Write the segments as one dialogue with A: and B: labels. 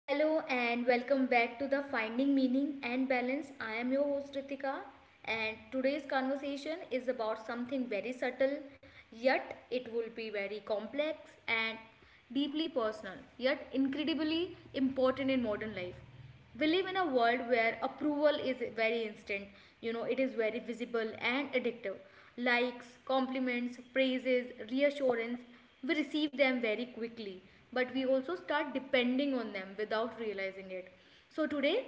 A: Hello and welcome back to the Finding Meaning and Balance. I am your host Ritika, and today's conversation is about something very subtle, yet it will be very complex and deeply personal, yet incredibly important in modern life. We live in a world where approval is very instant, you know, it is very visible and addictive. Likes, compliments, praises, reassurance, we receive them very quickly, but we also start depending on them without realizing it. So today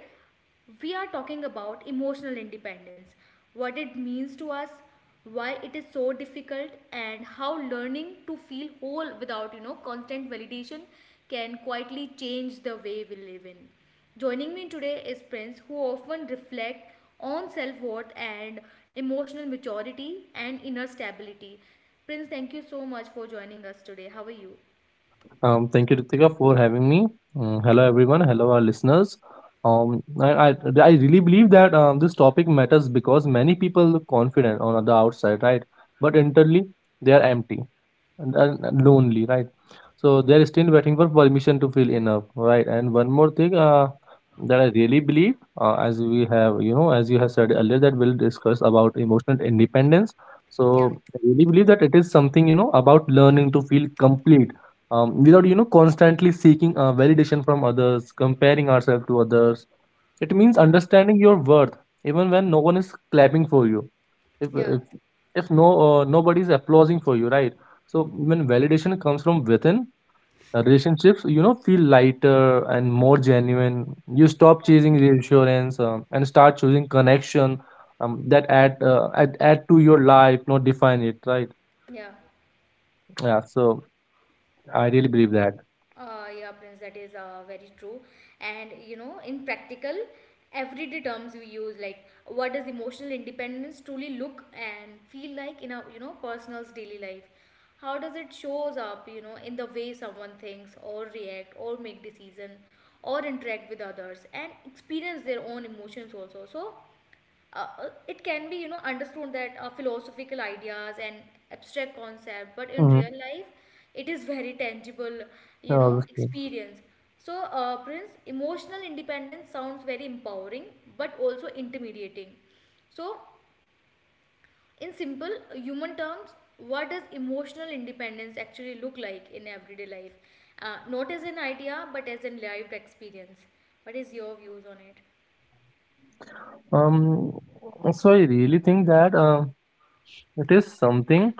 A: we are talking about emotional independence, what it means to us, why it is so difficult, and how learning to feel whole without, constant validation can quietly change the way we live in. Joining me today is Prince, who often reflect on self-worth and emotional maturity and inner stability. Prince, thank you so much for joining us today. How are you?
B: Thank you, Ritika, for having me. Hello, everyone. Hello, our listeners. Um, I, I, I really believe that this topic matters because many people look confident on the outside, right? But internally, they are empty and lonely, right? So they are still waiting for permission to feel enough, right? And one more thing that I really believe, as we have, you know, as you have said earlier, that we'll discuss about emotional independence.
A: Yeah,
B: So I really believe that it is something, you know, about learning to feel complete without, you know, constantly seeking validation from others, comparing ourselves to others. It means understanding your worth even when no one is clapping for you. If,
A: yeah, yeah,
B: if, if no nobody is applauding for you, right? So when validation comes from within, relationships you know feel lighter and more genuine. You stop chasing reassurance and start choosing connection that add to your life, not define it, right?
A: yeah.
B: Yeah, so I really believe that.
A: Yeah, Prince, that is very true. And you know, in practical, everyday terms we use, like, what does emotional independence truly look and feel like in a, you know, personal's daily life? How does it shows up? You know, in the way someone thinks or react or make decision or interact with others and experience their own emotions also. So it can be, you know, understood that philosophical ideas and abstract concept, but in real
B: Hmm.
A: life it is very tangible,
B: Yeah,
A: you know,
B: obviously.
A: experience. So Prince, emotional independence sounds very empowering but also intimidating. So in simple human terms, what does emotional independence actually look like in everyday life? Not as an idea, but as an lived experience. What is your views on it?
B: Um so I really think that it is something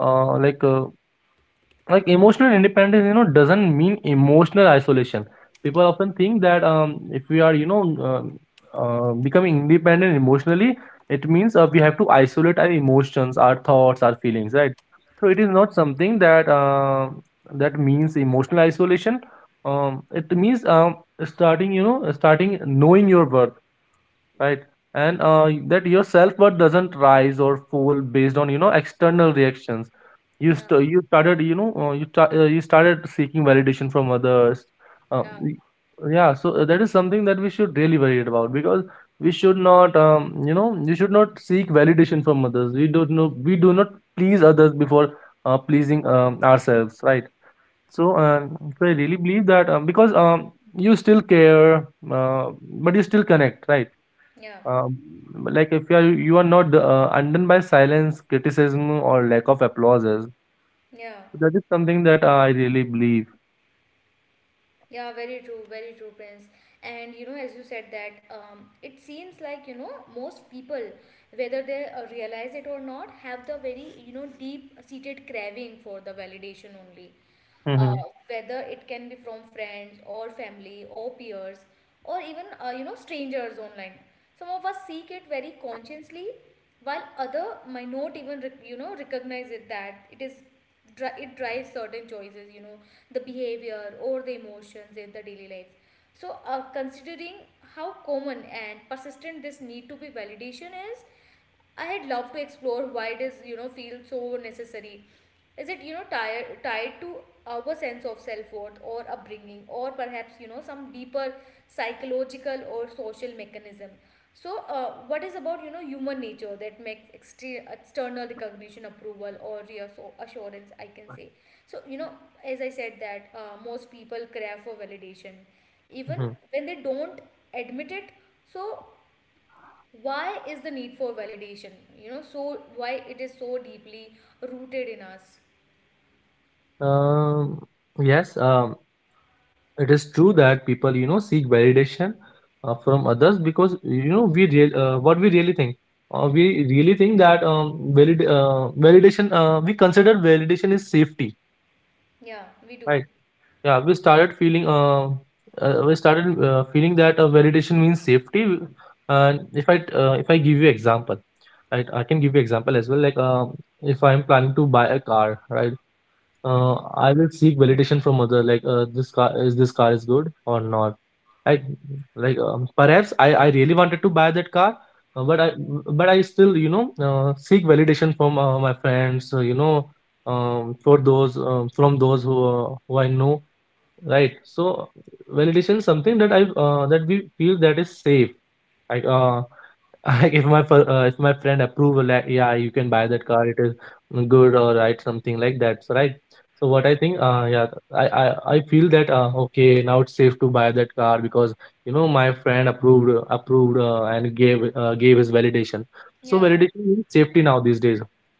B: uh, like uh, like emotional independence, you know, doesn't mean emotional isolation. People often think that if we are, you know, becoming independent emotionally, it means we have to isolate our emotions, our thoughts, our feelings, right? So it is not something that that means emotional isolation. It means, starting, you know, starting knowing your worth, right? And that your self-worth doesn't rise or fall based on, you know, external reactions.
A: Yeah,
B: You started, you know, you started seeking validation from others. uh,
A: yeah,
B: y- yeah, so that is something that we should really worry about, because we should not, you know, you should not seek validation from others. We don't know, we do not please others before pleasing, ourselves, right? So so I really believe that because you still care, but you still connect, right?
A: yeah,
B: um, like if you are, you are not undone by silence, criticism or lack of applauses.
A: yeah.
B: That is something that I really believe.
A: Yeah, very true, Prince. And you know, as you said that, it seems like, you know, most people, whether they realize it or not, have the very, you know, deep-seated craving for the validation only. Uh,
B: Mm-hmm.
A: Whether it can be from friends or family or peers, or even, you know, strangers online. Some of us seek it very consciously, while other might not even you know, recognize it that it is it drives certain choices, you know, the behavior or the emotions in the daily life. So considering how common and persistent this need to be validation is, I had loved to explore why it is, you know, feel so necessary. Is it, you know, tied to our sense of self worth or upbringing, or perhaps, you know, some deeper psychological or social mechanism? So, what is about, you know, human nature that makes external recognition, approval, or reassurance? I can say. So, you know, as I said that, most people crave for validation, even
B: Mm-hmm.
A: when they don't admit it. So why is the need for validation, you know, so why it is so deeply rooted in us?
B: Um, yes, it is true that people, you know, seek validation from others because, you know, we real what we really think. We really think that valid validation. We consider validation is safety,
A: Yeah, we do.
B: right? Yeah, we started feeling that validation means safety. And if I if I give you example, right, I can give you example as well. Like if I'm planning to buy a car, right, uh,
A: Yeah,
B: I will seek validation from other, like uh, this car is good or not. I like Perhaps I really wanted to buy that car, but I, but I still, you know, seek validation from my friends, you know, for those from those who I know, right? So validation is something that I that we feel that is safe, like like if my if my friend approve, like yeah, you can buy that car, it is good or right, something like that, so right. So what I think, I feel that, okay, now it's safe to buy that car because, you know, my friend approved, approved and gave gave his validation. So
A: yeah,
B: validation is safety now these days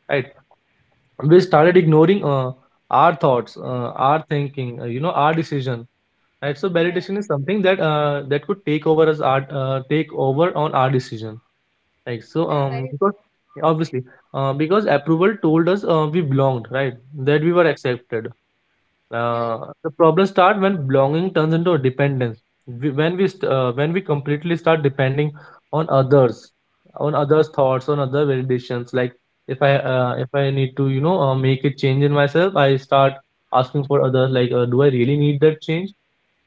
B: right? We started ignoring our thoughts, our thinking, you know, our decision. Right, so
A: yeah,
B: validation is something that could take over as our take over on our decision. Like so,
A: yeah, very
B: because
A: true.
B: obviously, because approval told us we belonged, right? That we were accepted.
A: Yeah,
B: The problem starts when belonging turns into a dependence. We, when we st- when we completely start depending on others, on others' thoughts, on other validations. Like
A: yeah,
B: if I need to, you know, make a change in myself, I start asking for others. Like, do I really need that change?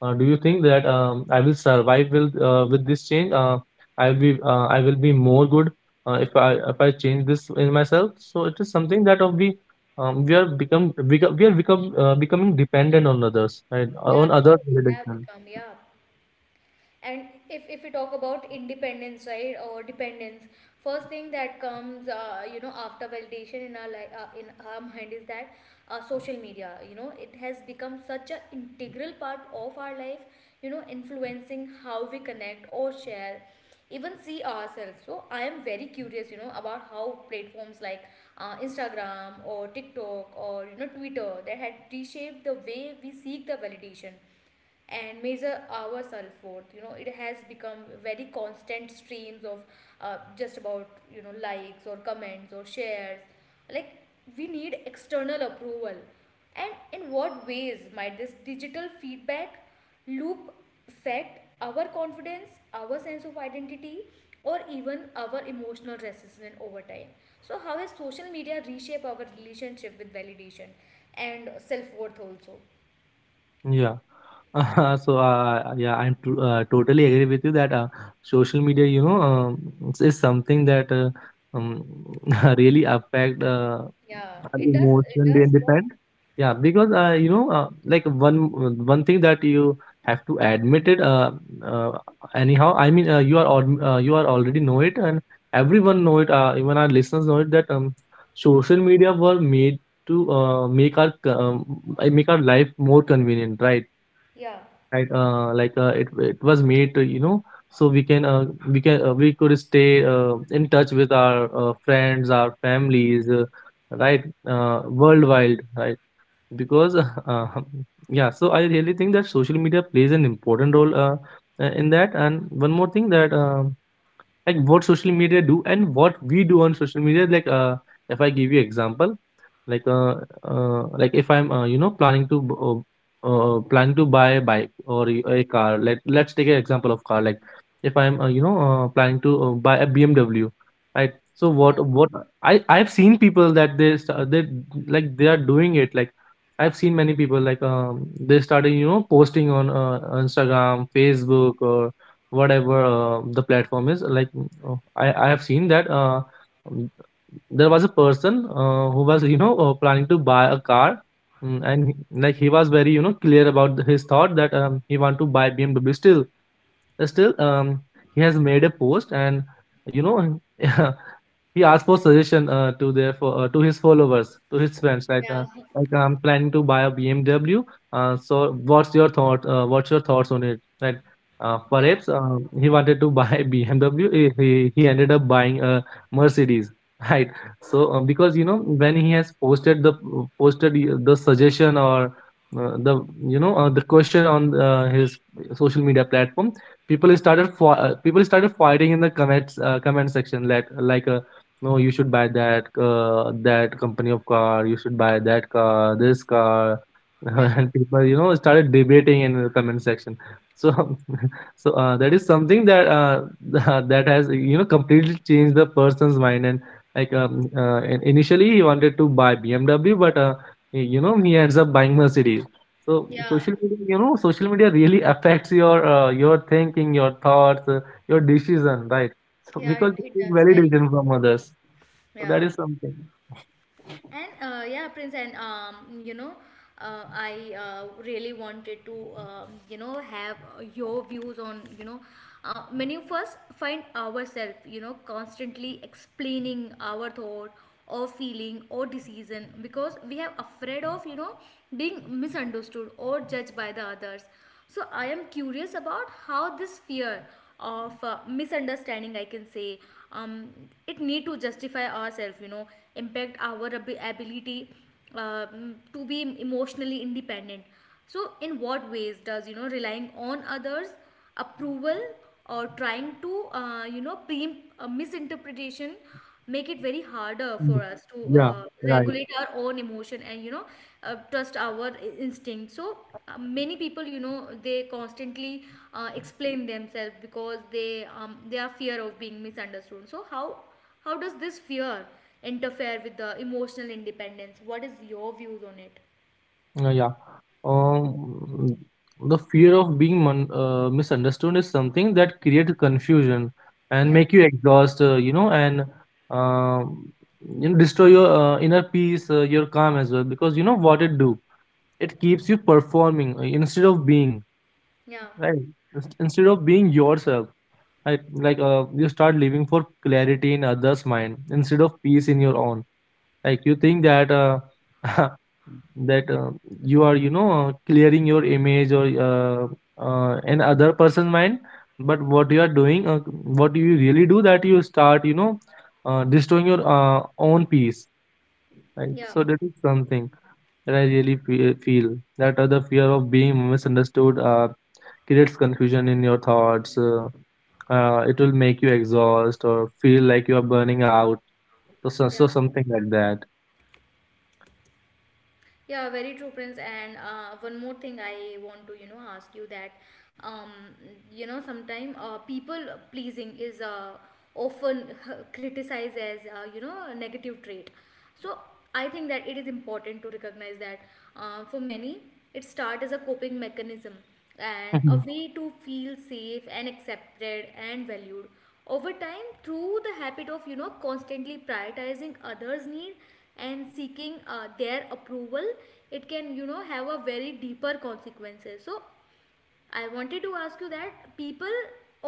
B: Do you think that I will survive with this change? I will be more good if I change this in myself. So it is something that of we we are become becoming dependent on others, right?
A: yeah,
B: On other
A: true. We have
B: validation.
A: become. Yeah. And if we talk about independence, right, or dependence, first thing that comes, you know, after validation in our in our mind is that social media, you know, it has become such an integral part of our life, you know, influencing how we connect or share, even see ourselves. So I am very curious, you know, about how platforms like Instagram or TikTok or, you know, Twitter that had reshaped the way we seek the validation and measure ourselves forth. You know, it has become very constant streams of just about, you know, likes or comments or shares, like, we need external approval. And in what ways might this digital feedback loop affect our confidence, our sense of identity, or even our emotional resistance over time? So how has social media reshaped our relationship with validation and self-worth also?
B: Yeah. So yeah, I'm totally agree with you that social media, you know, is something that um, really affect
A: Yeah,
B: are
A: it does. It
B: emotionally
A: does.
B: independent. Yeah, because, you know, like one thing that you have to admit it. Uh, Anyhow, I mean, you are already know it, and everyone know it. Even our listeners know it, that social media were made to make our life more convenient, right?
A: Yeah.
B: Right, like it was made to, you know, so we can, we could stay in touch with our friends, our families, right? Worldwide, right? Because uh, yeah, so I really think that social media plays an important role in that. And one more thing that like what social media do and what we do on social media, like if I give you example. Like like if I'm, you know, planning to buy a bike or a car. Let, let's take an example of car. Like if I'm, planning to buy a BMW, right? So what I've seen people that they like they are doing it, like I've seen many people like, they started, you know, posting on Instagram, Facebook, whatever the platform is. Like I have seen that, um, there was a person who was, you know, planning to buy a car. And he, like he was very, you know, clear about his thought that he want to buy BMW. Still, uh, still um, he has made a post and, you know, he asked for suggestion to his followers, to his friends. Like
A: Yeah.
B: like I'm planning to buy a BMW, so what's your thought, what's your thoughts on it, right?
A: Yeah,
B: Perhaps he wanted to buy BMW. He ended up buying a Mercedes right. So because, you know, when he has posted the suggestion or the, you know, the question on his social media platform, people started fighting in the comments, comment section. Like like uh, no, you should buy that, company of car, you should buy that car, this car,
A: yeah,
B: and people, you know, started debating in the comment section, so. So that is something that, that has, you know, completely changed the person's mind. And like, initially he wanted to buy BMW, but you know, he ends up buying Mercedes. So
A: yeah, yeah,
B: social media, you know, social media really affects your thinking, your thoughts, your decision, right? So
A: yeah, it,
B: because you
A: it
B: take
A: does, very true.
B: validation from others, so that
A: Yeah.
B: is something.
A: And yeah, Prince, and you know, I really wanted to, you know, have your views on, you know, many of us find ourselves, you know, constantly explaining our thought or feeling or decision because we are afraid of, you know, being misunderstood or judged by the others. So I am curious about how this fear of misunderstanding, I can say, um, it need to justify ourselves, you know, impact our ability to be emotionally independent. So in what ways does, you know, relying on others, approval, or trying to, you know, pre a misinterpretation make it very harder
B: Mm.
A: for us to
B: Yeah, right.
A: regulate our own emotion and, you know, trust our instinct. So many people, you know, they constantly explain themselves because they, they are fear of being misunderstood. So how does this fear interfere with the emotional independence? What is your views on it?
B: Yeah. Um, the fear of being misunderstood is something that creates confusion and
A: Yeah,
B: make you exhaust, you know, and um you know, destroy your inner peace, your calm as well. Because you know what it do? It keeps you performing instead of being,
A: yeah,
B: right? Instead of being yourself, right? Like you start living for clarity in others' mind instead of peace in your own. Like you think that that you are, you know, clearing your image, or an other person's mind. But what you are doing, what you really do, that you start, you know, destroying your own peace, right?
A: yeah,
B: So that is something that I really feel that the fear of being misunderstood creates confusion in your thoughts. It will make you exhaust or feel like you are burning out. so, so,
A: yeah.
B: so something like that.
A: Yeah, very true, Prince. And one more thing I want to, you know, ask you that, um, you know, sometimes people pleasing is often criticized as, you know, a negative trait. So I think that it is important to recognize that for many, it starts as a coping mechanism and a way to feel safe and accepted and valued. Over time, through the habit of, you know, constantly prioritizing others need and seeking their approval, it can, you know, have a very deeper consequences. So I wanted to ask you that people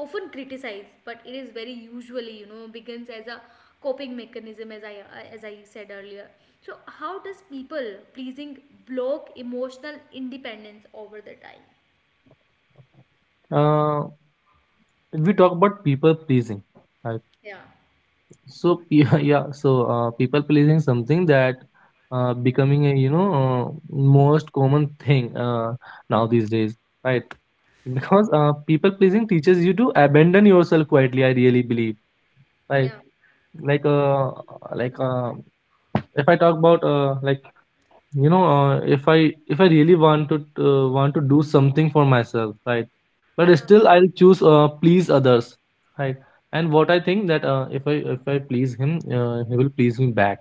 A: often criticize, but it is very usually, you know, begins as a coping mechanism, as I said earlier. So how does people pleasing block emotional independence over the time?
B: uh, If we talk about people pleasing, right?
A: Yeah.
B: So yeah, so people pleasing is something that becoming a, you know, most common thing, now these days, right? Because people pleasing teaches you to abandon yourself quietly, I really believe, right?
A: Yeah,
B: Like uh, like uh, if I talk about, like, you know, if I really want to do something for myself, right? But
A: yeah,
B: still I'll choose please others, right? And what I think, that if I please him, he will please me back,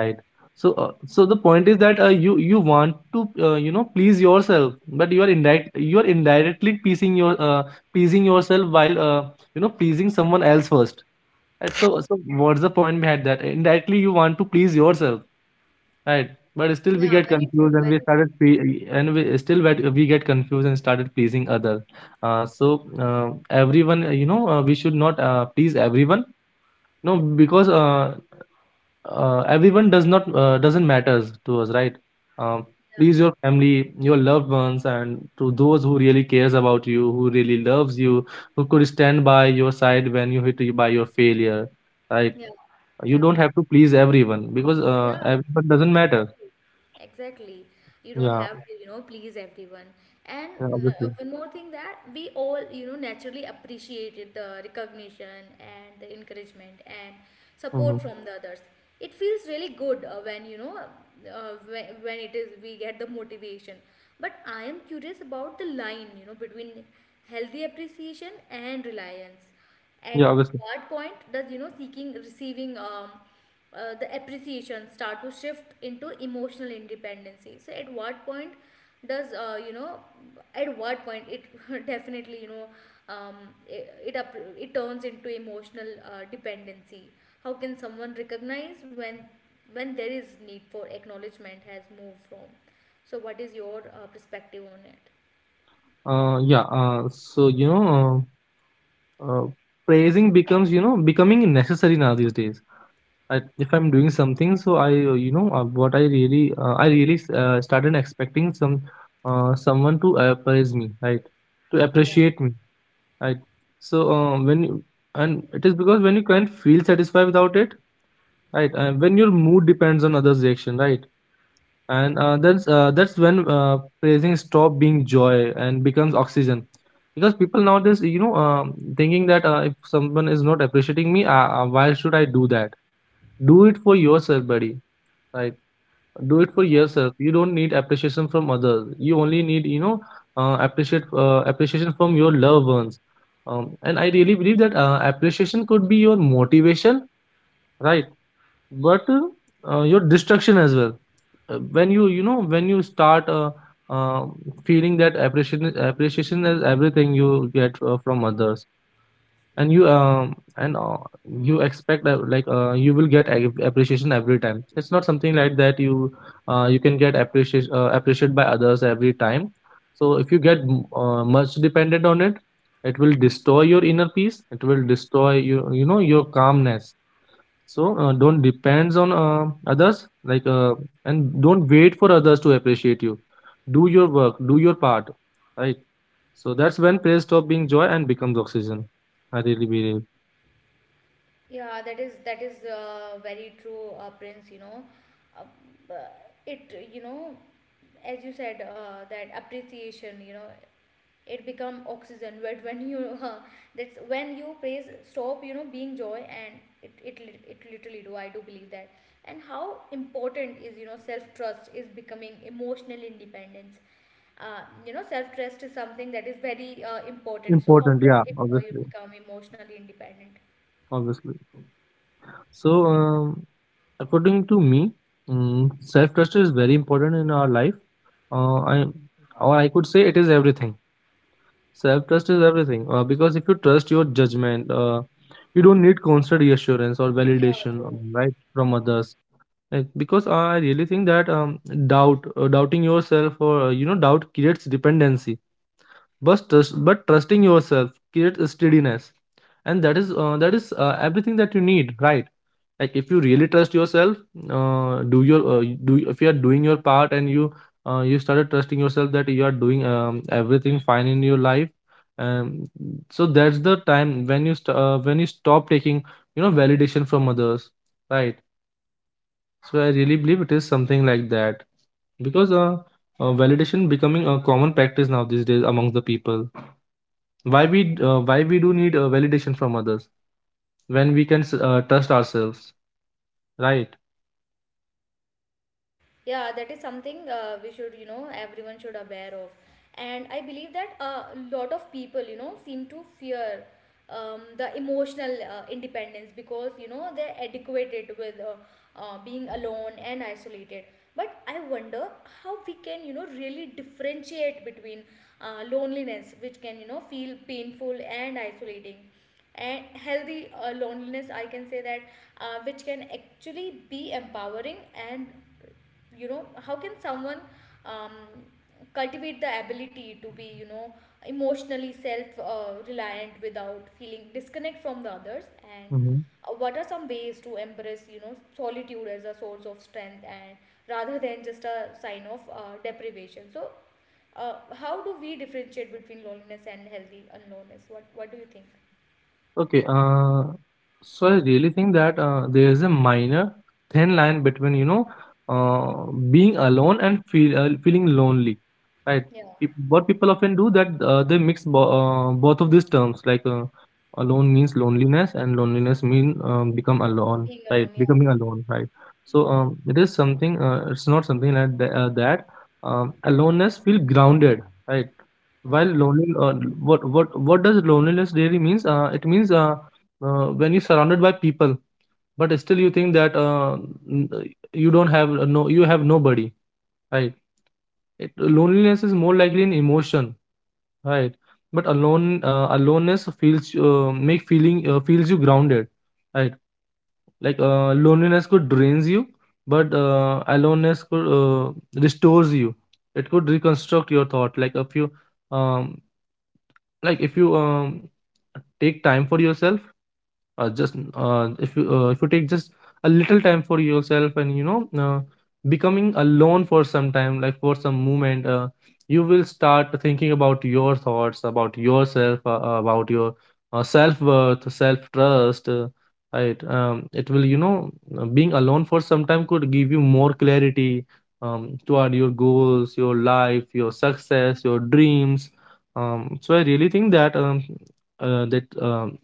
B: right? So the point is that, you want to, you know, please yourself, but you are indirectly pleasing yourself while, you know, pleasing someone else first, right? So, what's the point behind that? Indirectly, you want to please yourself. Right. But still we
A: yeah,
B: get
A: very
B: confused
A: true,
B: and we
A: very
B: started
A: true.
B: pre- and we still get, we get confused and started pleasing other. So, everyone, you know, we should not please everyone. No, because everyone doesn't matters to us, right? Um,
A: Yeah,
B: Please your family, your loved ones, and to those who really cares about you, who really loves you, who could stand by your side when you hit you by your failure, right?
A: yeah,
B: You
A: yeah,
B: don't have to please everyone because
A: yeah,
B: everyone doesn't matter.
A: exactly. Exactly. You don't
B: Yeah.
A: have to, you know, please everyone. And
B: Yeah, obviously.
A: one more thing, that we all, you know, naturally appreciated the recognition and the encouragement and
B: Hmm.
A: support from the others. It feels really good when, you know, when it is we get the motivation. But I am curious about the line, you know, between healthy appreciation and reliance.
B: Yeah,
A: At
B: obviously.
A: what point does, you know, seeking receiving, the appreciation start to shift into emotional independency? So at what point does, you know, at what point it definitely, you know, um, it it turns into emotional dependency? How can someone recognize when there is need for acknowledgement has moved from? So what is your perspective on it?
B: Yeah. So, you know, uh, uh, praising becomes, you know, becoming necessary now these days. If I'm doing something, so I you know, what I really started expecting, someone to praise me, right? To appreciate me, right? So, when you, and it is because when you can't feel satisfied without it, right? When your mood depends on others' reaction, right? And that's when praising stop being joy and becomes oxygen, because people nowadays, you know, thinking that, if someone is not appreciating me, why should I do that? Do it for yourself, buddy, right? Do it for yourself. You don't need appreciation from others. You only need, you know, appreciate appreciation from your loved ones. And I really believe that appreciation could be your motivation, right? But your destruction as well, when you know, when you start uh, feeling that appreciation is everything you get from others. And you expect, like, you will get appreciation every time. It's not something like that, you— you can get appreciation appreciated by others every time. So if you get much dependent on it, it will destroy your inner peace, it will destroy your, you know, your calmness. So, don't depends on others, like, and don't wait for others to appreciate you. Do your work, do your part, right? So that's when praise stop being joy and becomes oxygen. I really believe.
A: Yeah, that is that is very true, Prince. You know, uh, b- it, you know, as you said, that appreciation. You know, it become oxygen. But when you that's when you praise stop, you know, being joy and it literally do. I do believe that. And how important is, you know, self trust is becoming emotional independence. Uh, you know, self trust is something that is very important. So how
B: Important.
A: does
B: Yeah,
A: it you
B: obviously,
A: become emotionally independent?
B: obviously. So, according to me, self trust is very important in our life. Uh, I I could say it is everything. Self trust is everything, because if you trust your judgment, you don't need constant reassurance or
A: Yeah,
B: validation,
A: true.
B: right, from others. Like, because I really think that, doubting yourself, or, you know, doubt creates dependency. But trusting yourself creates steadiness, and that is everything that you need, right? Like if you really trust yourself, do your you do if you are doing your part and you started trusting yourself that you are doing, everything fine in your life, um, so that's the time when when you stop taking, you know, validation from others, right? So I really believe it is something like that, because validation becoming a common practice now these days amongst the people. Why we do need validation from others when we can trust ourselves, right?
A: Yeah, that is something we should, you know, everyone should aware of. And I believe that a lot of people, you know, seem to fear the emotional independence because, you know, they're adequated with being alone and isolated. But I wonder how we can, you know, really differentiate between loneliness, which can, you know, feel painful and isolating, and healthy loneliness, I can say that, which can actually be empowering. And, you know, how can someone um, cultivate the ability to be, you know, emotionally self reliant without feeling disconnect from the others? And what are some ways to embrace, you know, solitude as a source of strength and rather than just a sign of deprivation? So uh, how do we differentiate between loneliness and healthy aloneness? What do you think?
B: Okay, so I really think that there is a minor thin line between, you know, being alone and feeling lonely, right?
A: Yeah.
B: What people often do, that they mix bo both of these terms. Like, alone means loneliness, and loneliness mean, become alone,
A: Being
B: right?
A: alone. Yeah.
B: Becoming alone, right? So, it is something. It's not something like that. Aloneness feel grounded, right? While
A: Yeah.
B: what does loneliness really means? It means, when you're surrounded by people, but still you think that, n- uh, you don't have no you have nobody, right? Loneliness is more likely an emotion, right? But aloneness feels make feeling feels you grounded, right? Like, loneliness could drains you, but aloneness could restores you. It could reconstruct your thought. Like if you um like if you, take time for yourself, just if you take just a little time for yourself, and, you know, becoming alone for some time, like for some moment, you will start thinking about your thoughts, about yourself, about your self-worth, self-trust, right. It will, you know, being alone for some time could give you more clarity, toward your goals, your life, your success, your dreams. So, I really think that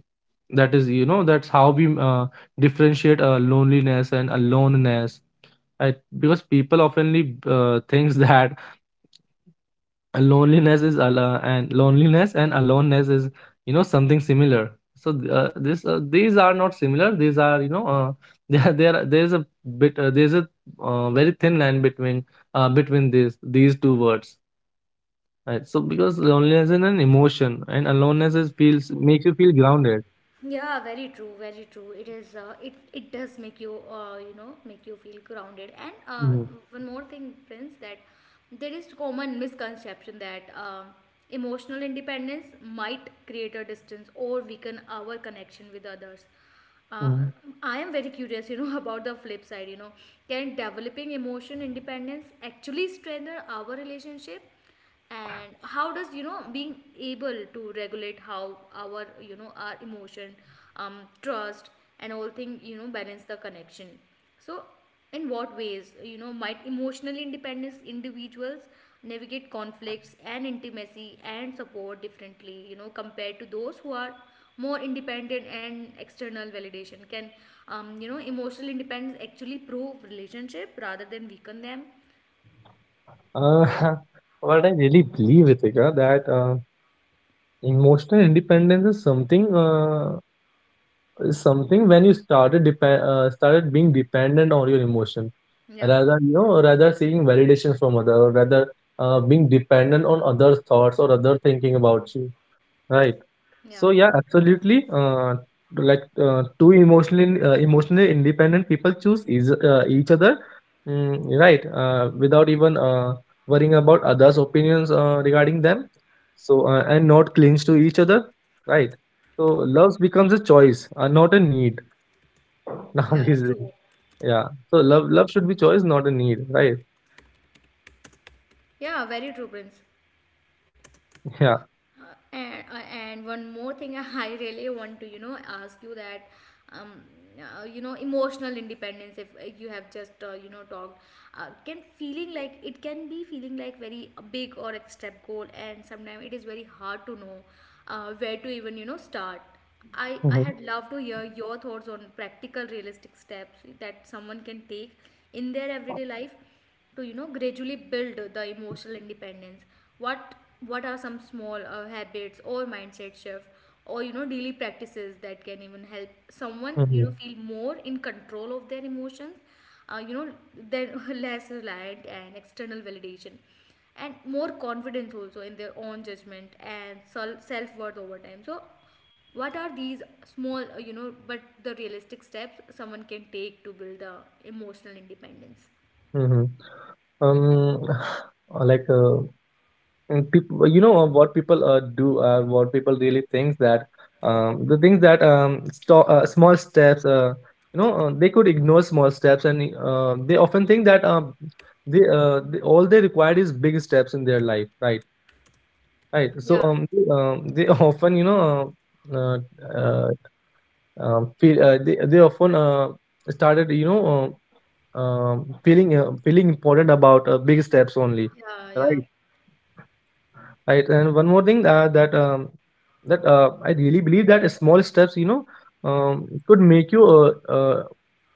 B: that is, you know, that's how we differentiate, loneliness and aloneness, right? Because people oftenly, thinks that loneliness and aloneness is, you know, something similar. So, this these are not similar, these are, you know, there is a bit there's a, very thin line between these two words, right? So because loneliness is an emotion, and aloneness is feels makes you feel grounded.
A: Yeah, very true, very true. It is. It it does make you, you know, make you feel grounded. And one more thing, Prince, that there is common misconception that emotional independence might create a distance or weaken our connection with others. uh,
B: Mhm.
A: I am very curious, you know, about the flip side. You know, can developing emotion independence actually strengthen our relationship? And how does, you know, being able to regulate how our, you know, our emotion, trust and all thing, you know, balance the connection? So in what ways, you know, might emotional independence individuals navigate conflicts and intimacy and support differently, you know, compared to those who are more independent and external validation? Can, you know, emotional independence actually prove relationship rather than weaken them?
B: Uh, what I really believe, Ritika, that emotional independence is something when you started being dependent on your emotion,
A: Yeah,
B: rather you know rather seeking validation from other, or rather being dependent on others' thoughts or other thinking about you, right?
A: yeah,
B: So yeah, absolutely. Like, two emotionally independent people choose each other. Mm, right, without even worrying about others' opinions, regarding them. And not clinch to each other, right? So, love becomes a choice, not a need
A: yeah,
B: nowadays.
A: true.
B: Yeah. So, love should be choice, not a need, right?
A: Yeah, very true, Prince.
B: Yeah.
A: And one more thing, I really want to ask you that um, emotional independence, if you have just talked, can feeling like, very big or extreme goal, and sometimes it is very hard to know where to even start. I
B: Mm-hmm.
A: had love to hear your thoughts on practical realistic steps that someone can take in their everyday life to gradually build the emotional independence. What what are some small habits or mindset shift, or daily practices that can even help someone
B: Mm-hmm.
A: feel more in control of their emotions, uh, you know then less reliant and external validation, and more confidence also in their own judgment and self worth over time. So what are these small, but the realistic steps someone can take to build the emotional independence?
B: Mm-hmm. Like uh, And people, you know, what people really think that, the things that sto small steps, you know, they could ignore small steps, and they often think that, they all they required is big steps in their life, right? Right. So,
A: Yeah.
B: they often, you know, uh, uh, uh, feel they often, started, you know, feeling important about, big steps only,
A: Yeah, yeah.
B: right? Right. And one more thing, that that I really believe that small steps, you know, could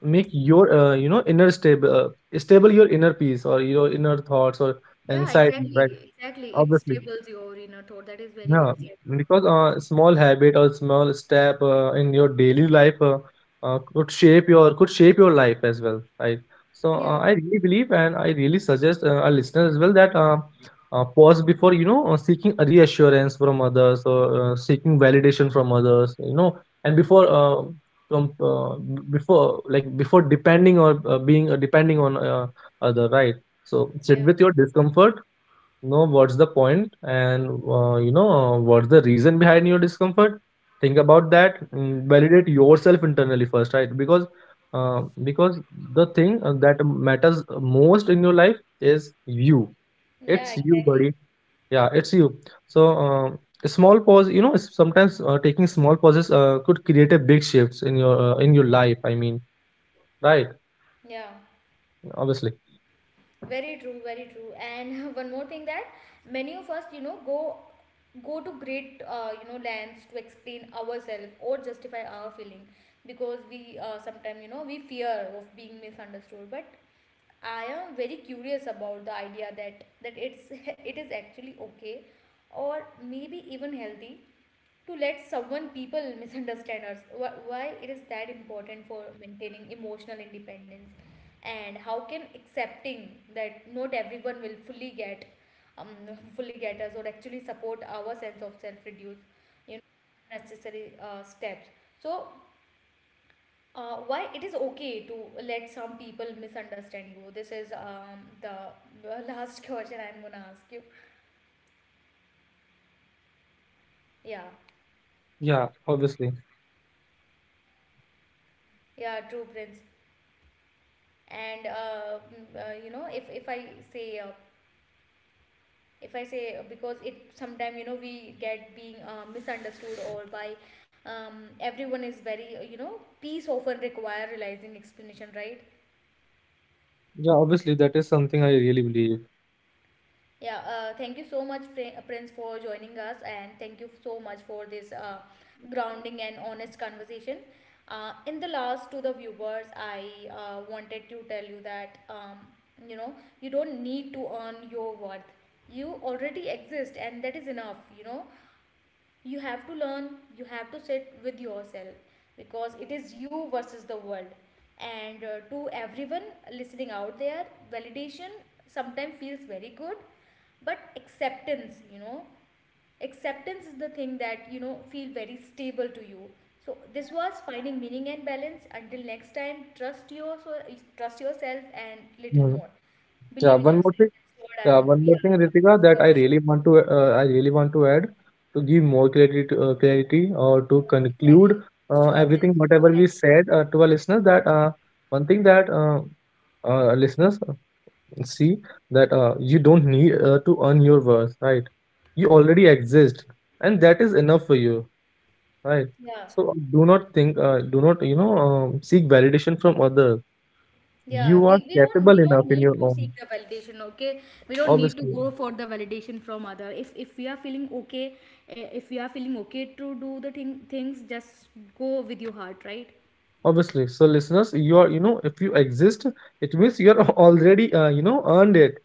B: make your, you know, inner stable stable your inner peace or your inner thoughts or
A: Yeah,
B: insight. Right,
A: exactly, exactly. It
B: obviously.
A: stables your inner thought. That is very
B: Yeah,
A: well said.
B: because small habit or small step in your daily life, could shape your life as well, right? So,
A: Yeah,
B: I really believe and I really suggest, our listeners as well, that pause before, you know, seeking a reassurance from others, or seeking validation from others, you know, and before com b- before like before depending, or being, depending on other, right? So sit
A: yeah,
B: with your discomfort. No, what's the point? And you know, what's the reason behind your discomfort? Think about that. Validate yourself internally first, right? Because, uh, because the thing, that matters most in your life is you.
A: yeah,
B: It's you,
A: exactly.
B: buddy. Yeah, it's you. So, a small pause. You know, sometimes taking small pauses, could create a big shifts in your life. I mean, right?
A: Yeah,
B: Obviously.
A: very true, very true. And one more thing, that many of us, go go to great, lengths to explain ourselves or justify our feeling, because we, we fear of being misunderstood. But I am very curious about the idea that it's, it is actually okay, or maybe even healthy, to let someone people misunderstand us. Why it is that important for maintaining emotional independence, and how can accepting that not everyone will fully get um, us, or actually support our sense of self, reduce necessary steps? So why it is okay to let some people misunderstand you? This is the last question I'm gonna ask you. Yeah.
B: Yeah, obviously.
A: Yeah, true, Prince. And if if I say , if I say, because it sometime, we get being misunderstood or by everyone is very, peace often require realizing explanation, right?
B: Yeah, obviously, that is something I really believe.
A: Yeah, thank you so much, Prince, for joining us, and thank you so much for this grounding and honest conversation. In the last, to the viewers, I wanted to tell you that, you know you don't need to earn your worth. You already exist, and that is enough. You know, you have to learn, you have to sit with yourself, because it is you versus the world. And to everyone listening out there, validation sometimes feels very good, but acceptance, acceptance is the thing that, feel very stable to you. So this was finding meaning and balance. Until next time, trust yourself and little
B: Mhm.
A: more,
B: Yeah,
A: believe in
B: one more thing.
A: yourself. That's what I
B: Yeah,
A: want to.
B: one more
A: Yeah,
B: thing, Ritika,
A: yeah.
B: that
A: Sure, sure.
B: I really want to add, to give more clarity, clarity, or to conclude,
A: Exactly. Sure, Prince,
B: everything
A: go
B: whatever
A: ahead.
B: we said, to our listeners. That, one thing that, listeners, see that, you don't need, to earn your worth, right? You already exist, and that is enough for you, right?
A: Yeah.
B: So, do not think, do not, you know, seek validation from others.
A: Yeah,
B: You are capable
A: we don't
B: enough in
A: need
B: your
A: to
B: own.
A: seek the validation, okay? We don't need to
B: Obviously,
A: go for the validation from other. If we are feeling okay, if we are feeling okay to do the things, just go with your heart, right?
B: obviously. So listeners, you are, you know, if you exist, it means you are already, you know, earned it,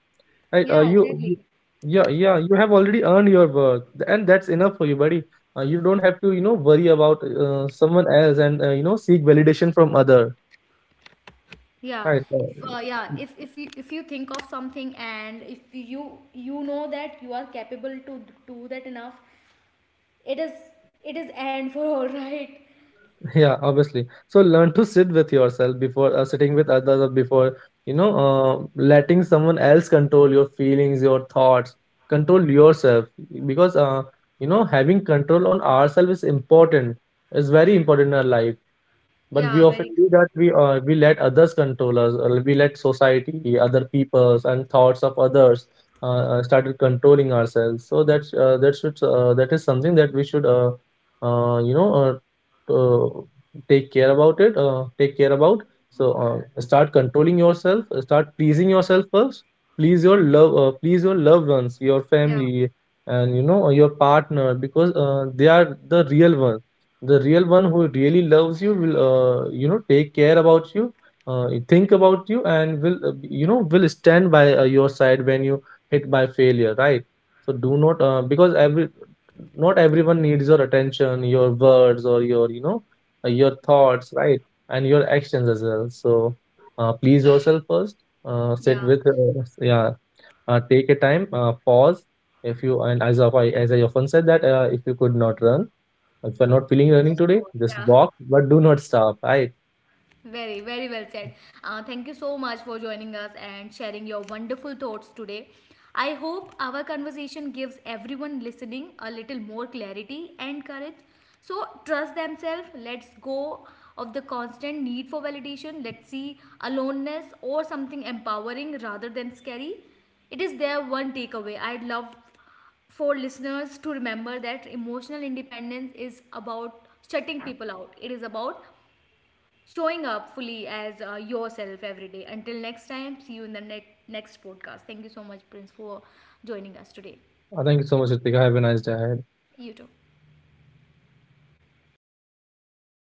B: right?
A: Yeah,
B: You—
A: exactly.
B: yeah, yeah, you have already earned your worth. And that's enough for you, buddy. You don't have to, you know, worry about, someone else, and, you know, seek validation from other,
A: Yeah.
B: right,
A: If yeah, if you, if you think of something, and if you you know that you are capable to do that enough, it is it is, and for all, right?
B: Yeah, obviously. So learn to sit with yourself before sitting with others, or before, you know, letting someone else control your feelings, your thoughts, control yourself. Because, you know, having control on ourselves is important. It's very important in our life. But we
A: Yeah,
B: often
A: very
B: do
A: true.
B: that. We let others control us. Or we let society, other peoples, and thoughts of others, started controlling ourselves. So that is something that we should, you know, uh, take care about it. Take care about. So, start controlling yourself. Start pleasing yourself first. Please your loved ones, your
A: Yeah,
B: family, and you know your partner, because they are the real ones. The real one who really loves you will, you know, take care about you, think about you and will, you know, will stand by, your side when you hit by failure, right? So do not, because every not everyone needs your attention, your words, or your, you know, your thoughts, right, and your actions as well, so please yourself first, sit
A: yeah.
B: with, yeah, take a time, pause. If you and As of I often said that, if you're not feeling running
A: Just
B: today,
A: for,
B: just
A: yeah.
B: walk, but do not stop. Right?
A: Very, very well said. Thank you so much for joining us and sharing your wonderful thoughts today. I hope our conversation gives everyone listening a little more clarity and courage. So, trust themselves. Let's go of the constant need for validation. Let's see aloneness or something empowering rather than scary. It is their one takeaway. I'd love for listeners to remember that emotional independence is about shutting people out. It is about showing up fully as yourself every day. Until next time, see you in the next podcast. Thank you so much, Prince, for joining us today.
B: Thank you so much, Ritika. Have a nice day ahead.
A: You too.